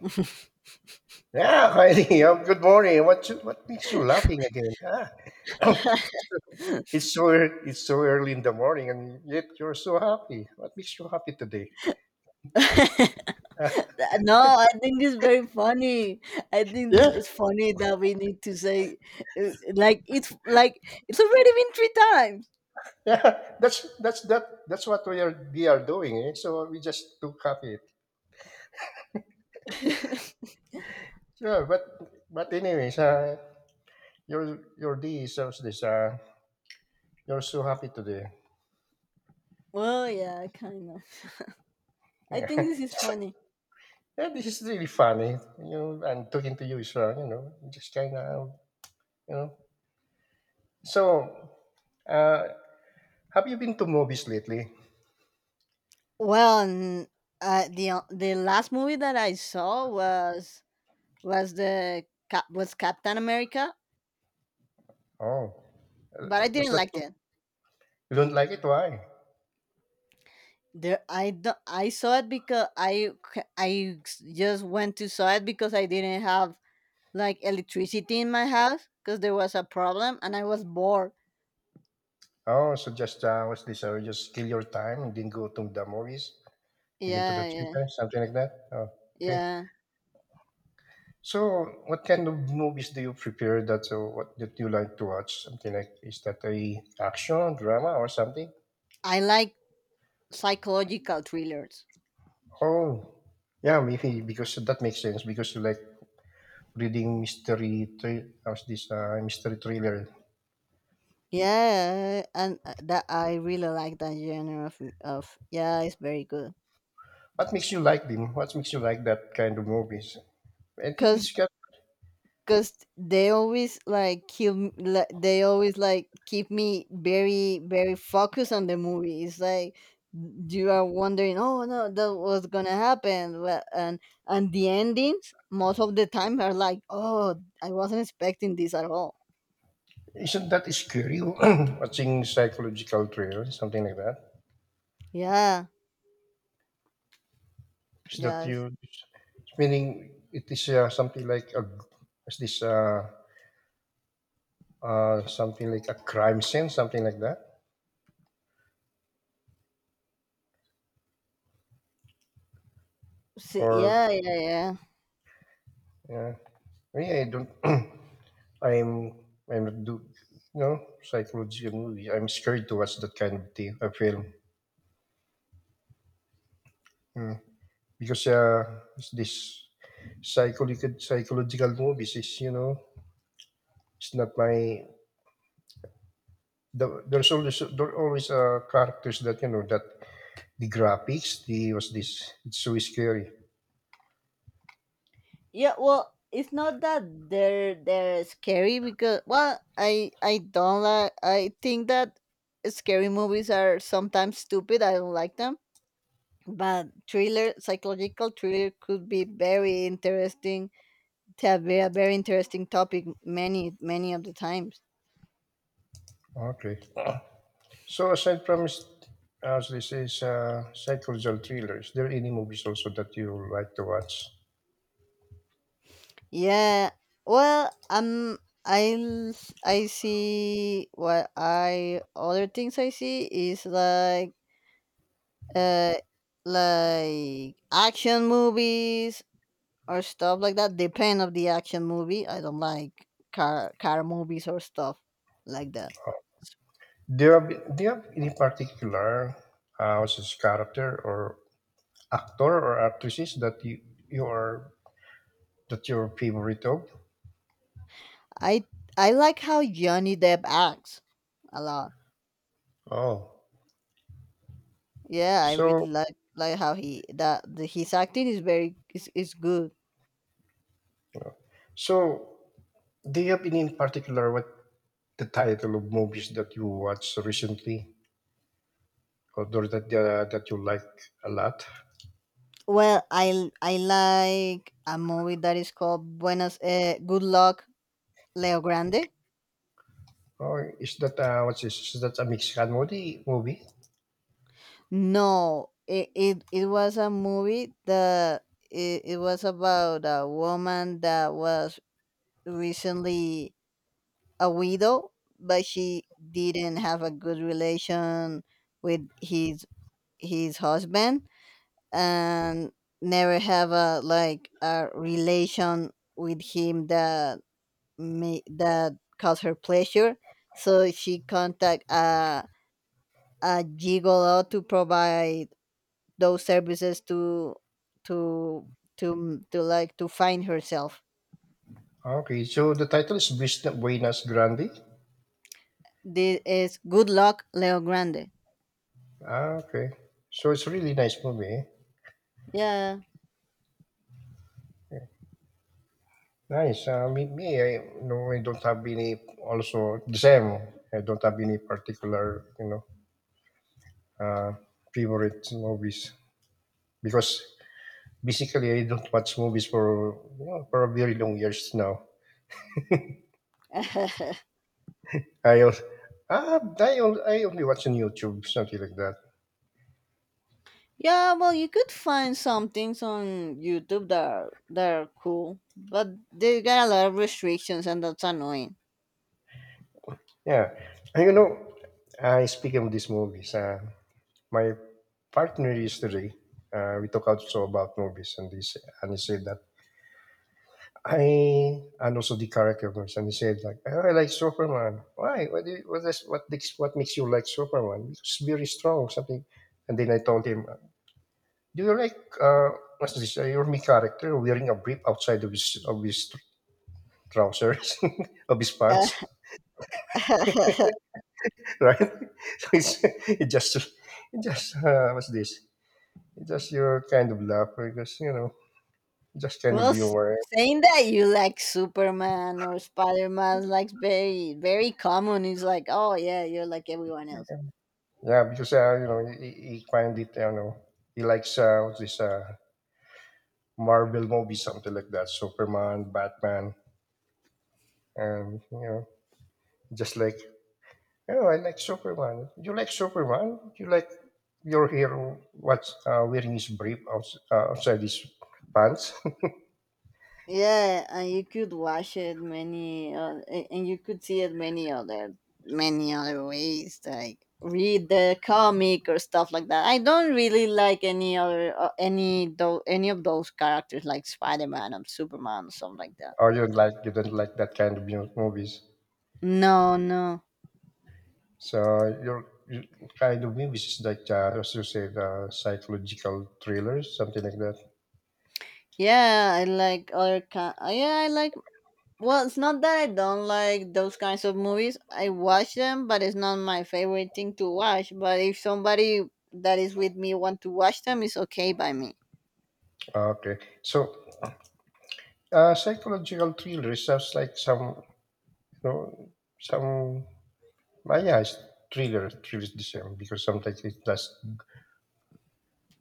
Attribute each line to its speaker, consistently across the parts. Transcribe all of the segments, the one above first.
Speaker 1: Yeah, Heidi. Good morning. What makes you laughing again? Ah. it's, so, it's so early in the morning, and yet you're so happy. What makes you happy today?
Speaker 2: No, I think it's very funny. I think this
Speaker 1: Yeah,
Speaker 2: is funny that we need to say, like it's already been three
Speaker 1: yeah. That's what we are doing. Eh? So we just took copy it.
Speaker 2: times.
Speaker 1: Sure, but anyways, your D is also this. You're so happy today.
Speaker 2: Well, yeah, kind of. I think
Speaker 1: Yeah.
Speaker 2: this is funny.
Speaker 1: Yeah, this is really funny. And talking to you is just kind of you know So, uh, have you been to movies lately?
Speaker 2: Well, the the last movie that I saw was Captain America,
Speaker 1: Oh, uh,
Speaker 2: but I
Speaker 1: was
Speaker 2: didn't
Speaker 1: that
Speaker 2: like
Speaker 1: so?
Speaker 2: it.
Speaker 1: You don't like it? Why?
Speaker 2: There, I saw it because I just went to saw it because I didn't have like electricity in my house because there was a problem and I was bored.
Speaker 1: Oh, so just what's this? Just kill your time and then go to the movies, again to the
Speaker 2: Yeah, yeah,
Speaker 1: theater, something like that. Oh, okay.
Speaker 2: yeah.
Speaker 1: So, what kind of movies do you prepare? That so what that you like to watch? Something like, is that a action drama or something?
Speaker 2: I like psychological thrillers.
Speaker 1: Oh, yeah, maybe because that makes sense because you like reading mystery. How's this? Mystery thriller.
Speaker 2: Yeah, and that I really like that genre of, yeah, it's very good.
Speaker 1: What makes you like them? What makes you like that kind of movies? I think
Speaker 2: Cause
Speaker 1: it's got,
Speaker 2: because they always like they always like keep me very, very focused on the movie. It's like you are wondering, oh no, that was gonna happen. Well, and the endings most of the time are like, oh, I wasn't expecting this at all.
Speaker 1: isn't that scary? Watching psychological thriller, something like that?
Speaker 2: Yeah,
Speaker 1: Is that
Speaker 2: yeah,
Speaker 1: you, meaning it is something like a, is this something like a crime scene, something like that?
Speaker 2: see,
Speaker 1: Or,
Speaker 2: yeah, yeah, yeah.
Speaker 1: yeah, me, I don't, I'm, I'm not do, psychological movie. I'm scared to watch that kind of thing, a film. Hmm. Because this psychological movies is it's not my the, there's always characters that that the graphics the was this it's so scary.
Speaker 2: Yeah, well, it's not that they're scary, because well, I don't like, I think that scary movies are sometimes stupid. I don't like them. But thriller, psychological thriller could be very interesting. To have be a very interesting topic many of the times.
Speaker 1: Okay, so aside from as this is psychological thrillers, there are any movies also that you like to watch?
Speaker 2: Yeah. Well, I l- I see what I other things I see is uh, like action movies or stuff like that. Depend of the action movie. I don't like car movies or stuff like that.
Speaker 1: do you have do you have any particular what's this character or actor or actresses that you are, that your favorite of?
Speaker 2: I I like how Johnny Depp acts a lot.
Speaker 1: Oh.
Speaker 2: Yeah, I
Speaker 1: So,
Speaker 2: really like how his acting is good.
Speaker 1: so, do you have any in particular what the title of movies that you watched recently, or those that that you like a lot?
Speaker 2: Well, I like a movie that is called Buenas Good Luck Leo Grande.
Speaker 1: Or is that what's this? Is that a Mexican movie? Movie?
Speaker 2: No, it was a movie that it was about a woman that was recently a widow, but she didn't have a good relation with his husband and never have a like a relation with him that that caused her pleasure. So she contact a gigolo to provide those services to to find herself.
Speaker 1: Okay, so the title is Vista Buenas Grande.
Speaker 2: This is Good Luck, Leo Grande.
Speaker 1: Ah, okay. So it's a really nice movie. Eh?
Speaker 2: Yeah.
Speaker 1: Nice. Me, I no, I don't have any. Also, the same. I don't have any particular, uh, favorite movies, because basically I don't watch movies for for a very long years now. I al- ah I, al- I only watch on YouTube, something like that.
Speaker 2: Yeah, well, you could find some things on YouTube that are cool, but they got a lot of restrictions, and that's annoying.
Speaker 1: Yeah, and I speaking of these movies. My partner yesterday, we talked also about movies, and and he said that I, and also the character of movies, and he said like, "Oh, I like Superman. Why? What do you, what is, what makes you like Superman? It's very strong, something." And then I told him, do you like what's this? Your main character wearing a brief outside of his trousers, of his pants, right? so it's it just it just what's this? It just your kind of laugh because you know just kind of
Speaker 2: Well,
Speaker 1: humor.
Speaker 2: saying that you like Superman or Spider Man, like very, very common. It's like, oh yeah, you're like everyone else.
Speaker 1: Yeah, because he find it. You know he likes what's this? Marvel movie, something like that. Superman, Batman, and just like, oh, I like Superman. You like Superman? You like your hero? What's wearing his brief outside his pants?
Speaker 2: Yeah, and you could watch it and you could see it many other ways, like read the comic or stuff like that. I don't really like any other, any though, any of those characters like Spider Man and Superman or something like that.
Speaker 1: Or you don't like that kind of movies?
Speaker 2: No, no.
Speaker 1: So your kind of movies is like as you said, psychological thrillers, something like that.
Speaker 2: Yeah, I like other kind. Yeah, I like well, it's not that I don't like those kinds of movies. I watch them, but it's not my favorite thing to watch. But if somebody that is with me want to watch them, it's okay by me.
Speaker 1: Okay, so psychological thriller sounds like some, you know, some. Yeah, it's thriller. Thriller is the same because sometimes it does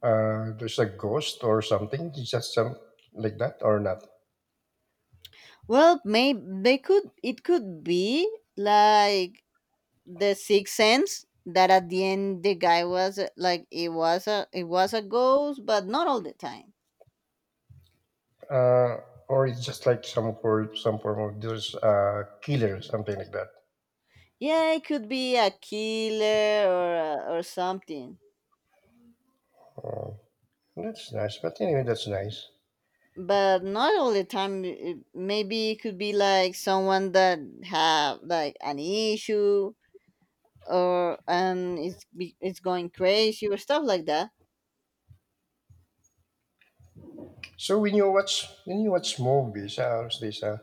Speaker 1: there's a ghost or something, it's just some like that, or not.
Speaker 2: Well, maybe they could. It could be like the Sixth Sense that at the end the guy was like it was a ghost, but not all the time.
Speaker 1: uh, or it's just like some for some form of there's a killer, something like that.
Speaker 2: Yeah, it could be a killer or something.
Speaker 1: Oh, that's nice, but anyway, that's nice.
Speaker 2: But not all the time, maybe it could be like someone that have like an issue or and it's it's going crazy or stuff like that.
Speaker 1: So when you watch movies, how's this, uh,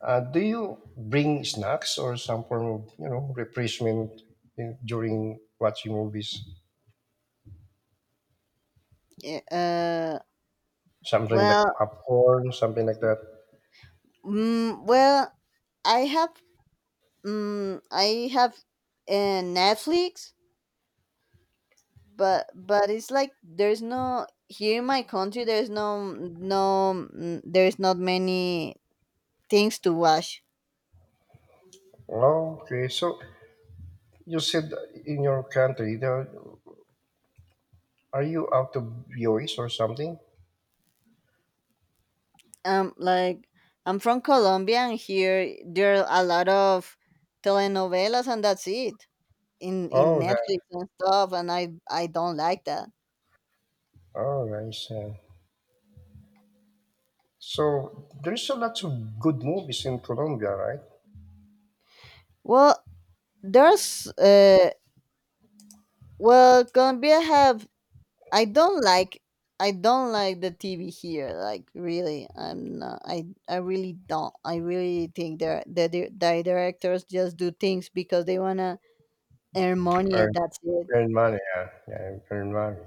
Speaker 1: uh, do you bring snacks or some form of refreshment in, during watching movies,
Speaker 2: Yeah,
Speaker 1: something
Speaker 2: well,
Speaker 1: like popcorn, something like that?
Speaker 2: well, i have I have Netflix, but it's like there's no here in my country, there's no no mm, there's not many things to watch.
Speaker 1: Okay, so you said in your country there. Are you out of US or something?
Speaker 2: Like, I'm from Colombia and here there are a lot of telenovelas and that's it, in
Speaker 1: Oh, that.
Speaker 2: Netflix and stuff, and I don't like that.
Speaker 1: Oh, nice. Yeah. So there's a lot of good movies in Colombia, right?
Speaker 2: Well, there's well Colombia have I don't like I don't like the TV here. Like, really, I'm not, I really don't, I really think that the directors just do things because they wanna earn money and
Speaker 1: Earn,
Speaker 2: that's it.
Speaker 1: earn money, yeah, yeah, earn money.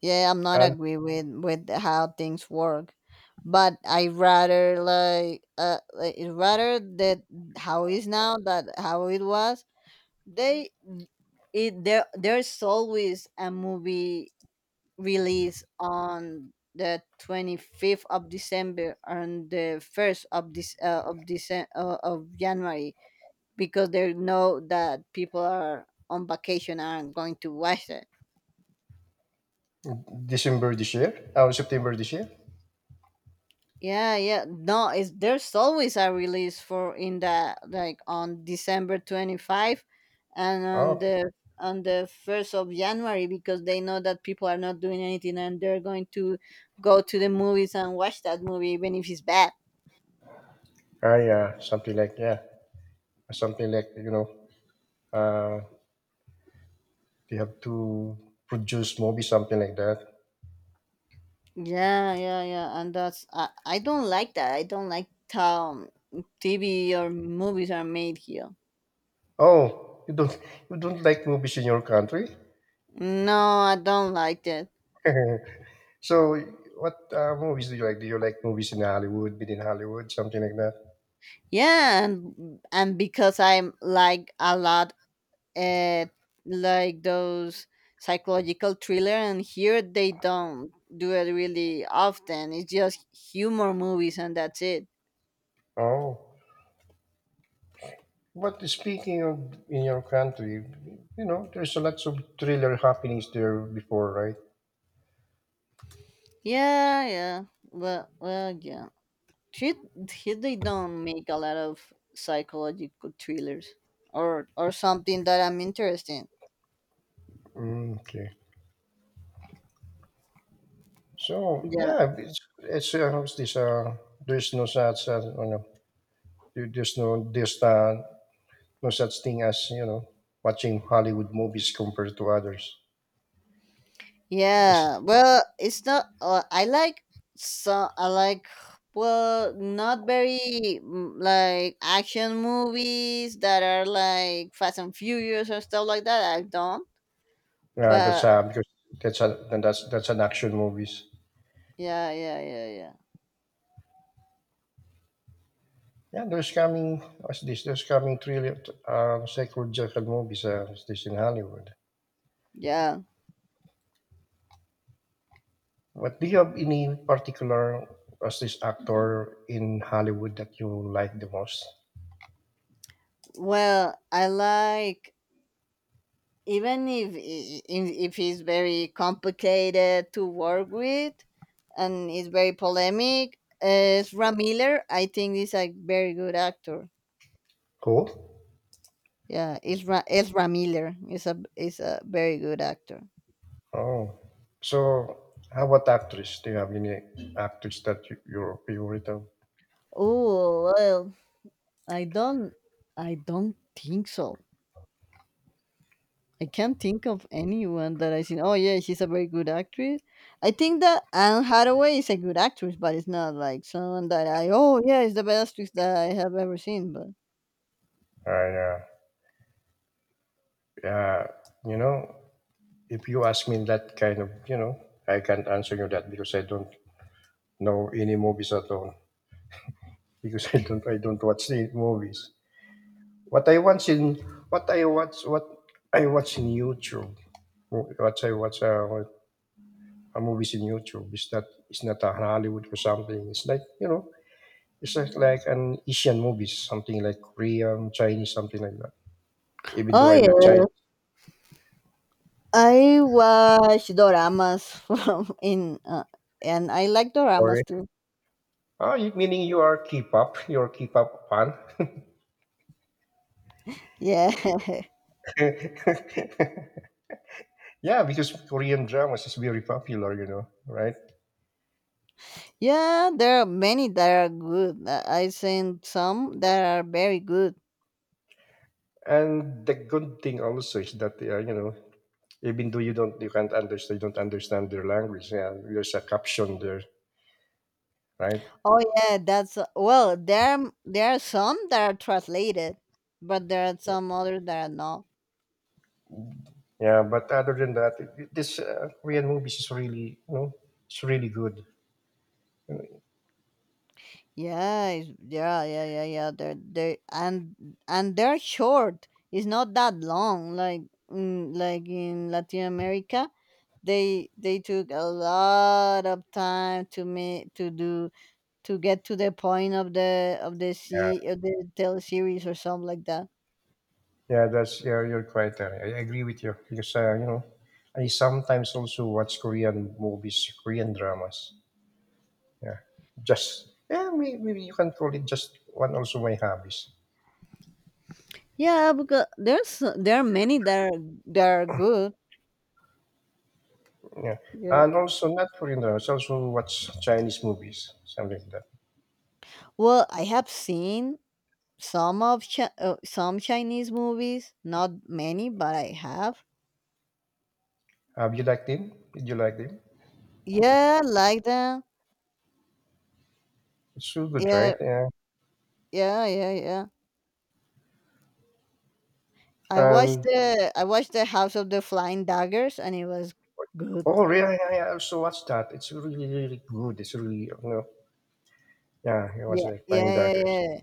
Speaker 2: Yeah, I'm not
Speaker 1: And
Speaker 2: agree with how things work, but I rather it rather that how is now that how it was. They it there There's always a movie release on the 25th of December and the first of this of December of January, because they know that people are on vacation and going to watch it.
Speaker 1: December this year, oh, September this year.
Speaker 2: Yeah, yeah. No, it's there's always a release for in the, like on December 25th and on
Speaker 1: Oh,
Speaker 2: the 1st of January because they know that people are not doing anything and they're going to go to the movies and watch that movie even if it's bad.
Speaker 1: ah, yeah, something like, yeah, something like uh, they have to produce movies, something like that.
Speaker 2: Yeah, yeah, yeah. And I don't like that. I don't like how TV or movies are made here.
Speaker 1: Oh, you don't like movies in your country?
Speaker 2: No, I don't like that.
Speaker 1: So, what movies do you like? Do you like movies in Hollywood, within Hollywood, something like that?
Speaker 2: Yeah, and because I like a lot at like those psychological thriller, and here they don't do it really often. It's just humor movies and that's it.
Speaker 1: Oh, but speaking of in your country, there's a lots of thriller happenings there before, right?
Speaker 2: Yeah, yeah, well, yeah, here, here they don't make a lot of psychological thrillers or something that I'm interested in,
Speaker 1: Mm, okay. So
Speaker 2: yeah.
Speaker 1: yeah, it's how's this, there's no such you know, there- there's no such thing as watching Hollywood movies compared to others. It's,
Speaker 2: Yeah, well, it's not. I like, so I like well, not very, like action movies that are like Fast and Furious or stuff like that. I don't.
Speaker 1: that's
Speaker 2: But
Speaker 1: because that's a then that's an action movies.
Speaker 2: yeah, yeah, yeah, yeah,
Speaker 1: Yeah, there's coming what's this? There's coming thriller, psychological movies. What's this in Hollywood?
Speaker 2: yeah.
Speaker 1: What do you have any particular what's this actor in Hollywood that you like the most?
Speaker 2: Well, I like, even if I- I- if it's very complicated to work with, and it's very polemic. Ram Miller, I think, is a very good actor.
Speaker 1: Who?
Speaker 2: Yeah, Ezra Miller is a very good actor.
Speaker 1: Oh, so how about actress? Do you have any actress that you're favorite of?
Speaker 2: Oh well, I don't I don't think so. I can't think of anyone that I seen. Oh yeah, she's a very good actress. I think that Anne Hathaway is a good actress, but it's not like someone that I, oh yeah, it's the best actress that I have ever seen. But
Speaker 1: Yeah, yeah. You know, if you ask me that kind of, I can't answer you that because I don't know any movies at all, because I don't watch the movies. What I watch in what I watch in YouTube. What I watch what- movies in YouTube is not, it's not a Hollywood or something. It's like, like an Asian movies, something like Korean, Chinese, something like that. Even though
Speaker 2: oh
Speaker 1: I'm not Chinese,
Speaker 2: yeah, I watch doramas from in and I like doramas
Speaker 1: Korean.
Speaker 2: too.
Speaker 1: Ah, meaning you are K-pop, you're a K-pop fan.
Speaker 2: Yeah.
Speaker 1: Yeah, because Korean dramas is very popular, right?
Speaker 2: Yeah, there are many that are good. I seen some that are very good.
Speaker 1: And the good thing also is that even though you can't understand, you don't understand their language, yeah, there's a caption there, right?
Speaker 2: Oh yeah, that's well, there are some that are translated, but there are some others that are not.
Speaker 1: Yeah, but other than that, this Korean movies is really, it's really good.
Speaker 2: Yeah, yeah, yeah, yeah, yeah. They're they and they're short. It's not that long. Like, like in Latin America, they took a lot of time to me to get to the point of the
Speaker 1: Yeah,
Speaker 2: sea of the tele series or something like that.
Speaker 1: yeah. That's, yeah, you're quite right. I agree with you because I sometimes also watch Korean movies, Korean dramas, yeah. Just yeah, maybe you can call it just one, also my hobbies.
Speaker 2: Yeah, because there are many that are good.
Speaker 1: Yeah,
Speaker 2: Yeah.
Speaker 1: and also not Korean dramas, also watch Chinese movies, something like that.
Speaker 2: Well, I have seen some of some Chinese movies, not many, but I have.
Speaker 1: Have you liked them? Did you like them?
Speaker 2: Yeah, like that.
Speaker 1: It's so good, right?
Speaker 2: Yeah,
Speaker 1: Yeah.
Speaker 2: yeah, yeah, yeah. I watched
Speaker 1: And
Speaker 2: the I watched the House of the Flying Daggers, and it was good.
Speaker 1: Oh, really? Yeah, yeah, I also watched that. It's really, really good. It's really, you know, yeah, it was
Speaker 2: Yeah,
Speaker 1: like Flying
Speaker 2: yeah, yeah,
Speaker 1: Daggers.
Speaker 2: yeah.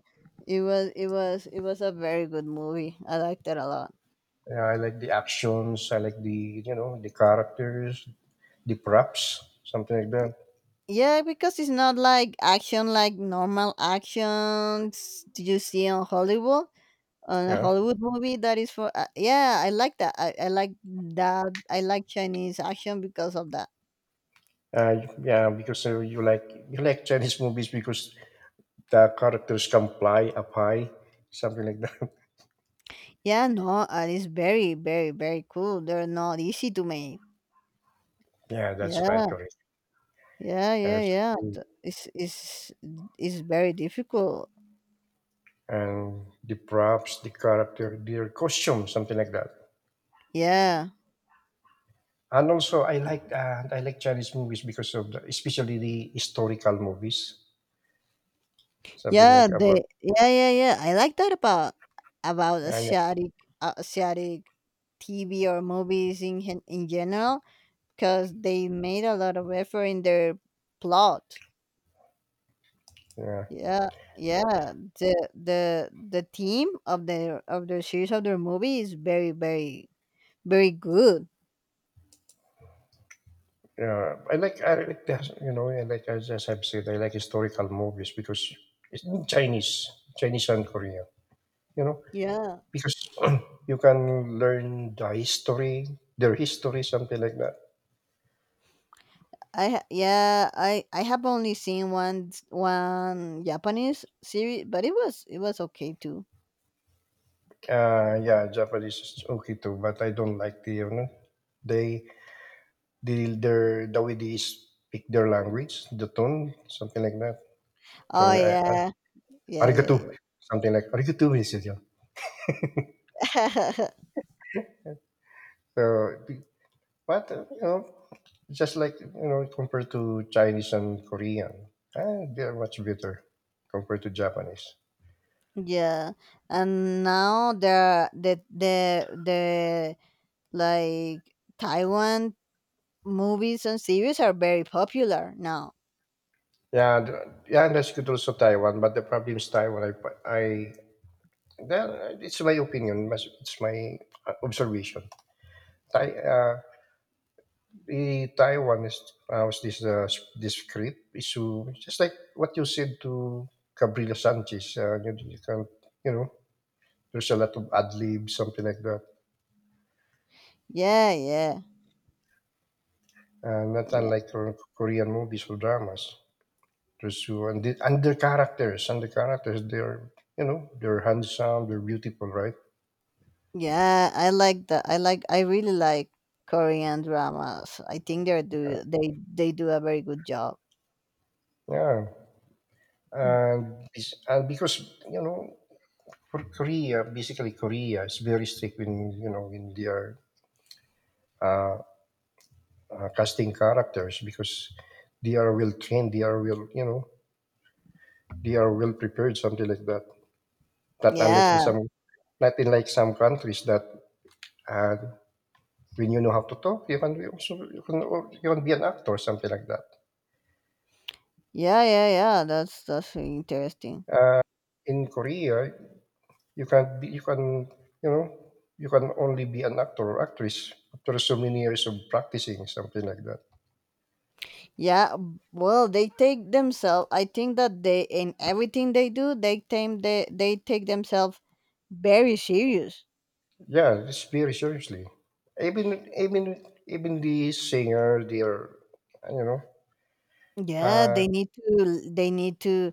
Speaker 2: It was a very good movie. I liked it a lot.
Speaker 1: Yeah, I like the actions. I like the characters, the props, something like that.
Speaker 2: Yeah, because it's not like action like normal actions you see on Hollywood on a
Speaker 1: Yeah.
Speaker 2: Hollywood movie that is for yeah, I like that. I like that. I like Chinese action because of that.
Speaker 1: Uh, yeah, because you like Chinese movies because the characters can fly up high, something like that.
Speaker 2: Yeah, no, it's very, very, very cool. They're not easy to make.
Speaker 1: Yeah, that's quite
Speaker 2: Yeah,
Speaker 1: correct.
Speaker 2: yeah,
Speaker 1: Uh,
Speaker 2: yeah,
Speaker 1: it's
Speaker 2: yeah.
Speaker 1: just-
Speaker 2: It's very difficult.
Speaker 1: and the props, the character, their costume, something like that.
Speaker 2: Yeah.
Speaker 1: And also, I like I like Chinese movies because of the, especially the historical movies, something
Speaker 2: Yeah,
Speaker 1: like about.
Speaker 2: they yeah, yeah, yeah. I like that about
Speaker 1: Yeah,
Speaker 2: Asiatic TV or movies in in general, because they made a lot of effort in their plot.
Speaker 1: yeah,
Speaker 2: Yeah, yeah. The theme of their series, of their movie, is very, very, very good.
Speaker 1: yeah. I like that, you know, I just have said, I like historical movies because it's in Chinese, Chinese and Korean, you know,
Speaker 2: Yeah.
Speaker 1: because you can learn the history, their history, something like that.
Speaker 2: Yeah, I have only seen one Japanese series, but it was okay too.
Speaker 1: Yeah, Japanese is okay too, but I don't like the they the way they speak their language, the tone, something like that. So,
Speaker 2: Oh yeah, yeah, yeah,
Speaker 1: arigato,
Speaker 2: yeah.
Speaker 1: something like arigato, he said. Yeah. So, but just like, compared to Chinese and Korean, they are much better compared to Japanese.
Speaker 2: Yeah, and now the like Taiwan movies and series are very popular now.
Speaker 1: Yeah, yeah, and that's good also Taiwan, but the problem is Taiwan. It's my opinion, it's my observation. Tai, uh, The Taiwan is was this this script? Issue, just like what you said to Cabrillo Sanchez. You can, you know, there's a lot of ad lib, something like that.
Speaker 2: Yeah, yeah,
Speaker 1: Not
Speaker 2: yeah,
Speaker 1: unlike Korean movies or dramas. There's you and, and their characters, and the characters, they're they're handsome, they're beautiful, right?
Speaker 2: yeah, I really like Korean dramas. I think they do a very good job.
Speaker 1: Yeah, and and because you know, for Korea, basically Korea is very strict when when they are. Uh, Casting characters because they are well trained, they are well, they are well prepared, something like that. Not unlike in
Speaker 2: Yeah,
Speaker 1: some, Not in like some countries that uh, when you know how to talk, you can be also you can al- you can be an actor, something like that.
Speaker 2: yeah, yeah, yeah, that's really interesting.
Speaker 1: In Korea, you can be, you can you know you can only be an actor or actress after so many years of practicing, something like that.
Speaker 2: Yeah, well, they take themselves. I think that they, in everything they do, they take themselves very serious.
Speaker 1: Yeah, it's very seriously. Even the singer, they are you know.
Speaker 2: Yeah,
Speaker 1: Uh,
Speaker 2: they need to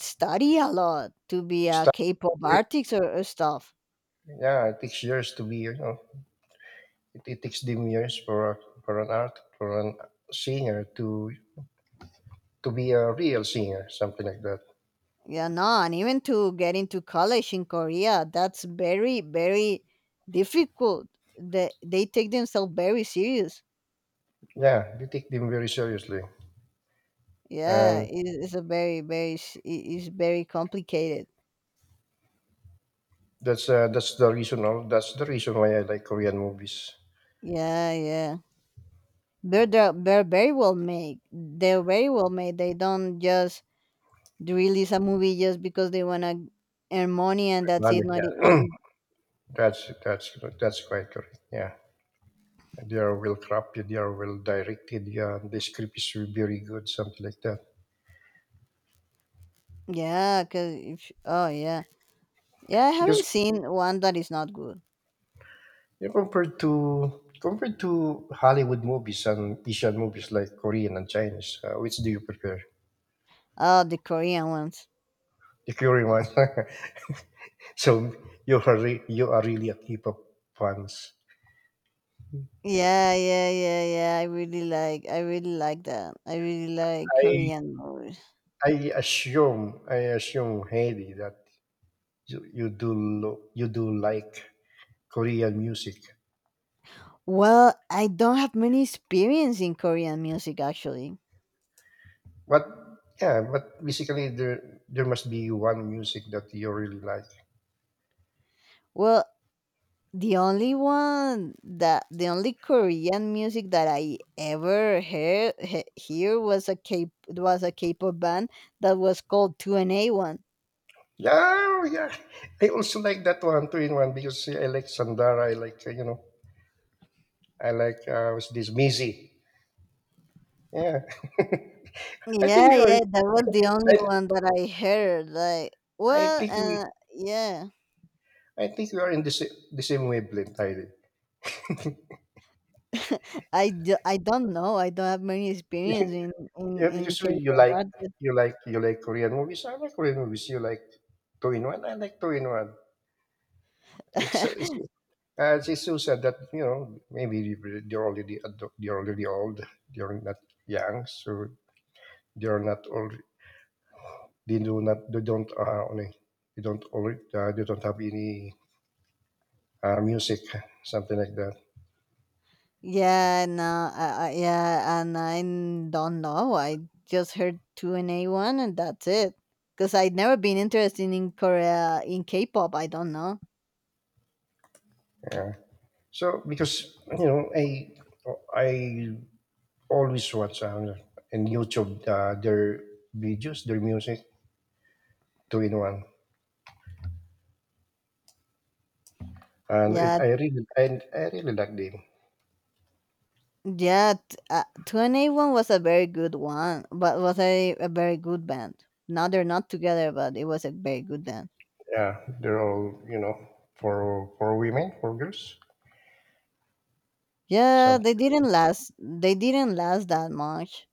Speaker 2: study a lot to be a
Speaker 1: Start
Speaker 2: K-pop
Speaker 1: week.
Speaker 2: artist, or, stuff.
Speaker 1: Yeah, it takes years to be, it takes them years for a, for an art for an singer to be a real singer, something like that.
Speaker 2: Yeah, no, and even to get into college in Korea, that's very, very difficult. They take themselves very serious.
Speaker 1: Yeah, they take them very seriously,
Speaker 2: Yeah,
Speaker 1: and
Speaker 2: it's a very, very, s- it- it's very complicated.
Speaker 1: that's the reason. All That's the reason why I like Korean movies.
Speaker 2: Yeah, yeah. They're very well made. They're very well made. They don't just release a movie just because they wanna earn money and that's it.
Speaker 1: Money,
Speaker 2: Not it,
Speaker 1: yeah.
Speaker 2: it-
Speaker 1: That's quite correct. Yeah, they are well crafted, they are well directed. Yeah, the script is very good, something like that.
Speaker 2: Yeah, cause if oh yeah, yeah, I
Speaker 1: Because
Speaker 2: haven't seen one that is not good.
Speaker 1: Yeah, compared to Hollywood movies and Asian movies like Korean and Chinese, which do you prefer?
Speaker 2: Oh, the Korean ones.
Speaker 1: The Korean one. So you are really a K-pop fans.
Speaker 2: Yeah, yeah, yeah, yeah. I really like that. I really like
Speaker 1: I
Speaker 2: Korean movies.
Speaker 1: I assume Haley that you do like Korean music,
Speaker 2: Well, I don't have many experience in Korean music, actually.
Speaker 1: but yeah, but basically there must be one music that you really like.
Speaker 2: Well, The only one that the only Korean music that I ever hear was a K-pop band that was called 2NA1.
Speaker 1: Yeah, yeah. I also like that one two in one because I like Sandara. I like was this Maisie. Yeah, I think
Speaker 2: Yeah,
Speaker 1: we are.
Speaker 2: yeah, that was the only
Speaker 1: I,
Speaker 2: one that I heard. Like,
Speaker 1: I
Speaker 2: well,
Speaker 1: think we.
Speaker 2: yeah.
Speaker 1: I think we are in the same wavelength, Tyler.
Speaker 2: I don't know. I don't have many experience in in
Speaker 1: Yeah,
Speaker 2: in
Speaker 1: because you you
Speaker 2: K-pop
Speaker 1: like
Speaker 2: artists.
Speaker 1: you like you like Korean movies. I like Korean movies. You like two in one. I like two in one. It's so- it's it's so sad that maybe they're already old. They're not young, so they're not all. They do not. They don't. They don't. They don't have any music, something like that.
Speaker 2: Yeah, no, yeah, and don't know. I just heard 2NE1, and that's it. Cause I'd never been interested in K-pop. I don't know.
Speaker 1: Yeah. So because I always watch in YouTube their videos, their music, two in one, and it,
Speaker 2: Yeah,
Speaker 1: I really and I really like them.
Speaker 2: yeah, 2NE1 was a very good one, but was a very good band. Now they're not together, but it was a very good band.
Speaker 1: Yeah, they're all for women, for girls,
Speaker 2: Yeah, they
Speaker 1: something.
Speaker 2: didn't last. They didn't last that much.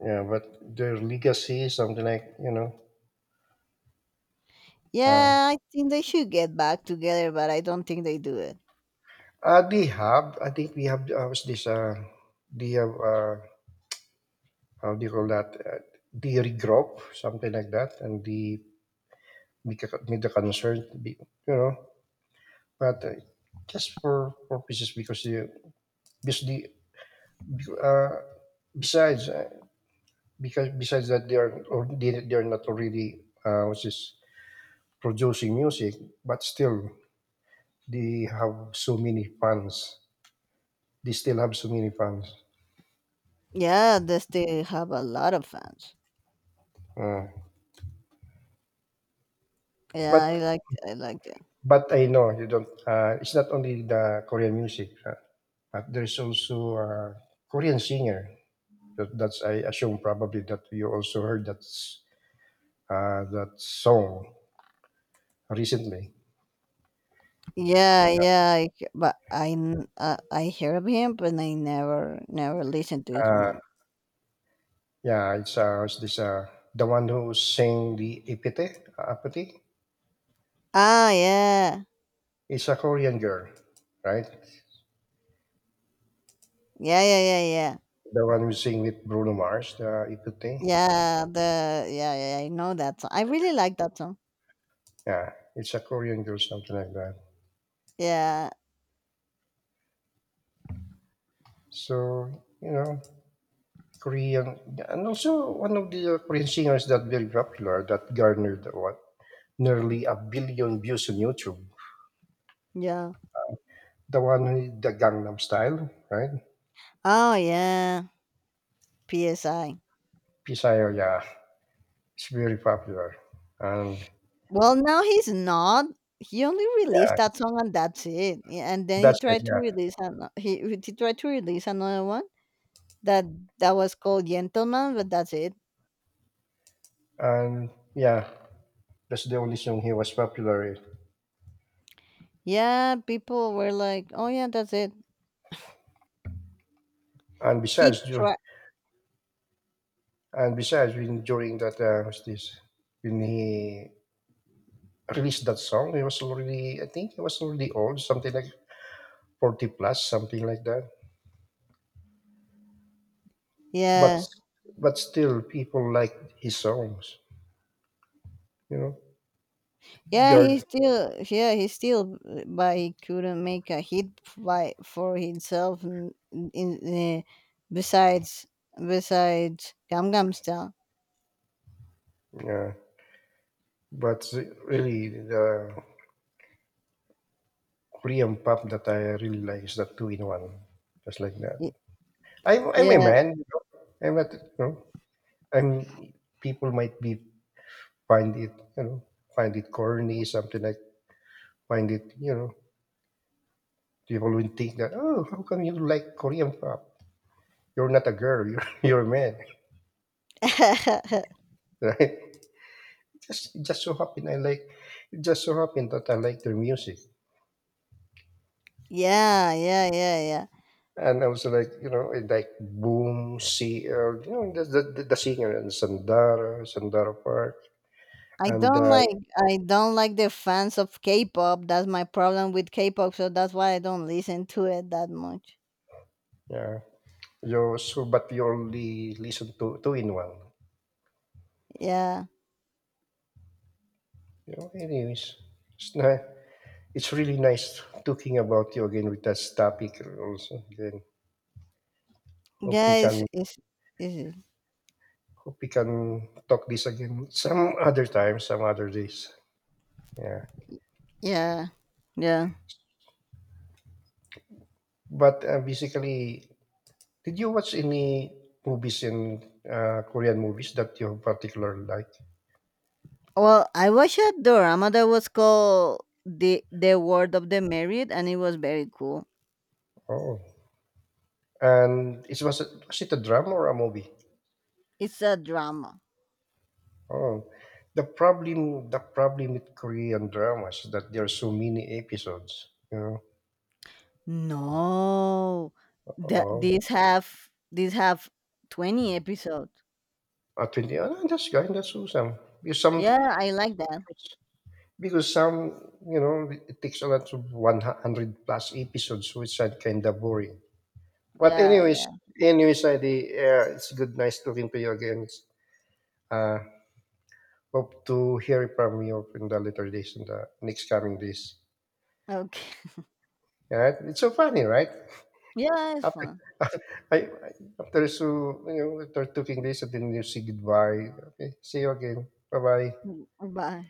Speaker 1: Yeah, but their legacy, something like. Uh,
Speaker 2: Yeah, I think they should get back together, but I don't think they do it.
Speaker 1: they have. I think we have. Was this? They have. How do you call that? The regroup, something like that, and the made a concern, be, you know. But just for purposes because the uh, besides because besides that they are or they are not already what's this producing music, but still they have so many fans. They still have so many fans.
Speaker 2: Yeah, they still have a lot of fans.
Speaker 1: Uh,
Speaker 2: Yeah, I
Speaker 1: but
Speaker 2: liked I liked it.
Speaker 1: but I know you don't. It's not only the Korean music, but there's also a Korean singer. That's I assume probably that you also heard that song recently.
Speaker 2: Yeah, yeah, but I hear of him, but I never listened to his
Speaker 1: Uh,
Speaker 2: music.
Speaker 1: yeah, it's this the one who sang the Epite, Apathy.
Speaker 2: Ah, yeah,
Speaker 1: It's a Korean girl, right?
Speaker 2: yeah, yeah, yeah, yeah,
Speaker 1: The one who sang with Bruno Mars, the Epite.
Speaker 2: yeah. The yeah, yeah, I know that song. I really like that song.
Speaker 1: Yeah, it's a Korean girl, something like that.
Speaker 2: Yeah,
Speaker 1: So you know, Korean, and also one of the Korean singers that very popular that garnered what nearly a billion views on YouTube.
Speaker 2: yeah.
Speaker 1: The one with the Gangnam Style, right?
Speaker 2: Oh yeah, Psy.
Speaker 1: Pisayo, yeah. It's very popular. And
Speaker 2: Well, now he's not. He only
Speaker 1: yeah,
Speaker 2: released that song and that's it. Yeah, and then he
Speaker 1: that's it.
Speaker 2: tried to
Speaker 1: Yeah.
Speaker 2: release he tried to release another one that that was called Gentleman, but that's it.
Speaker 1: And yeah, that's the only song he was popular in.
Speaker 2: Yeah, people were like, "Oh yeah, that's it."
Speaker 1: And
Speaker 2: He
Speaker 1: besides, dur-
Speaker 2: tried.
Speaker 1: and besides, when during that, what's this? When he released that song, he was already, I think he was already old, something like 40 plus, something like that. But,
Speaker 2: Yeah,
Speaker 1: but still, people like his songs, you know,
Speaker 2: yeah,
Speaker 1: Guard.
Speaker 2: yeah, but he couldn't make a hit by for himself. In, uh, besides, Gangnam Style.
Speaker 1: Yeah. But really, the Korean pop that I really like is that two in one, just like that.
Speaker 2: Y-
Speaker 1: I'm a
Speaker 2: Yeah.
Speaker 1: man. You know? I'm not. I'm. People might be find it. Find it corny. Something like find it. People will think that. Oh, how come you like Korean pop? You're not a girl. You're you're a man, right? Just it just so happened I like. It just so happened that I like their music.
Speaker 2: Yeah, yeah, yeah, yeah.
Speaker 1: And I was like, I like Boom, CL, the singer and Sandara, Sandara Park,
Speaker 2: I
Speaker 1: and
Speaker 2: don't like, I don't like the fans of K-pop. That's my problem with K-pop. So that's why I don't listen to it that much.
Speaker 1: Yeah. You so but you only listen to in one.
Speaker 2: Yeah,
Speaker 1: Anyways, it's nice. It's really nice talking about you again with this topic also again. Hope we
Speaker 2: yeah,
Speaker 1: can
Speaker 2: it's
Speaker 1: hope we can talk this again some other time, some other days. Yeah.
Speaker 2: yeah, yeah.
Speaker 1: But basically, did you watch any movies in Korean movies that you particularly like?
Speaker 2: Well, I watched a drama that was called the Word of the Married, and it was very cool.
Speaker 1: Oh, and was it a drama or a movie?
Speaker 2: It's a drama.
Speaker 1: Oh, the problem with Korean dramas is that there are so many episodes. You know,
Speaker 2: No, the,
Speaker 1: oh,
Speaker 2: these have these have 20 episodes.
Speaker 1: at 20, oh, that's good, that's awesome. Because some,
Speaker 2: Yeah, I like that.
Speaker 1: it takes a lot of 100 plus episodes, which are kind of boring. But
Speaker 2: Yeah,
Speaker 1: anyways,
Speaker 2: yeah.
Speaker 1: Heidi, it's good, nice talking to you again. Uh, Hope to hear from you in the later days, in the next coming days.
Speaker 2: Okay.
Speaker 1: Yeah, it's so funny, right?
Speaker 2: Yeah, it's
Speaker 1: After
Speaker 2: fun.
Speaker 1: I after so, after taking this, and then you say goodbye, "Okay, see you again. Bye-bye."
Speaker 2: Mm, bye.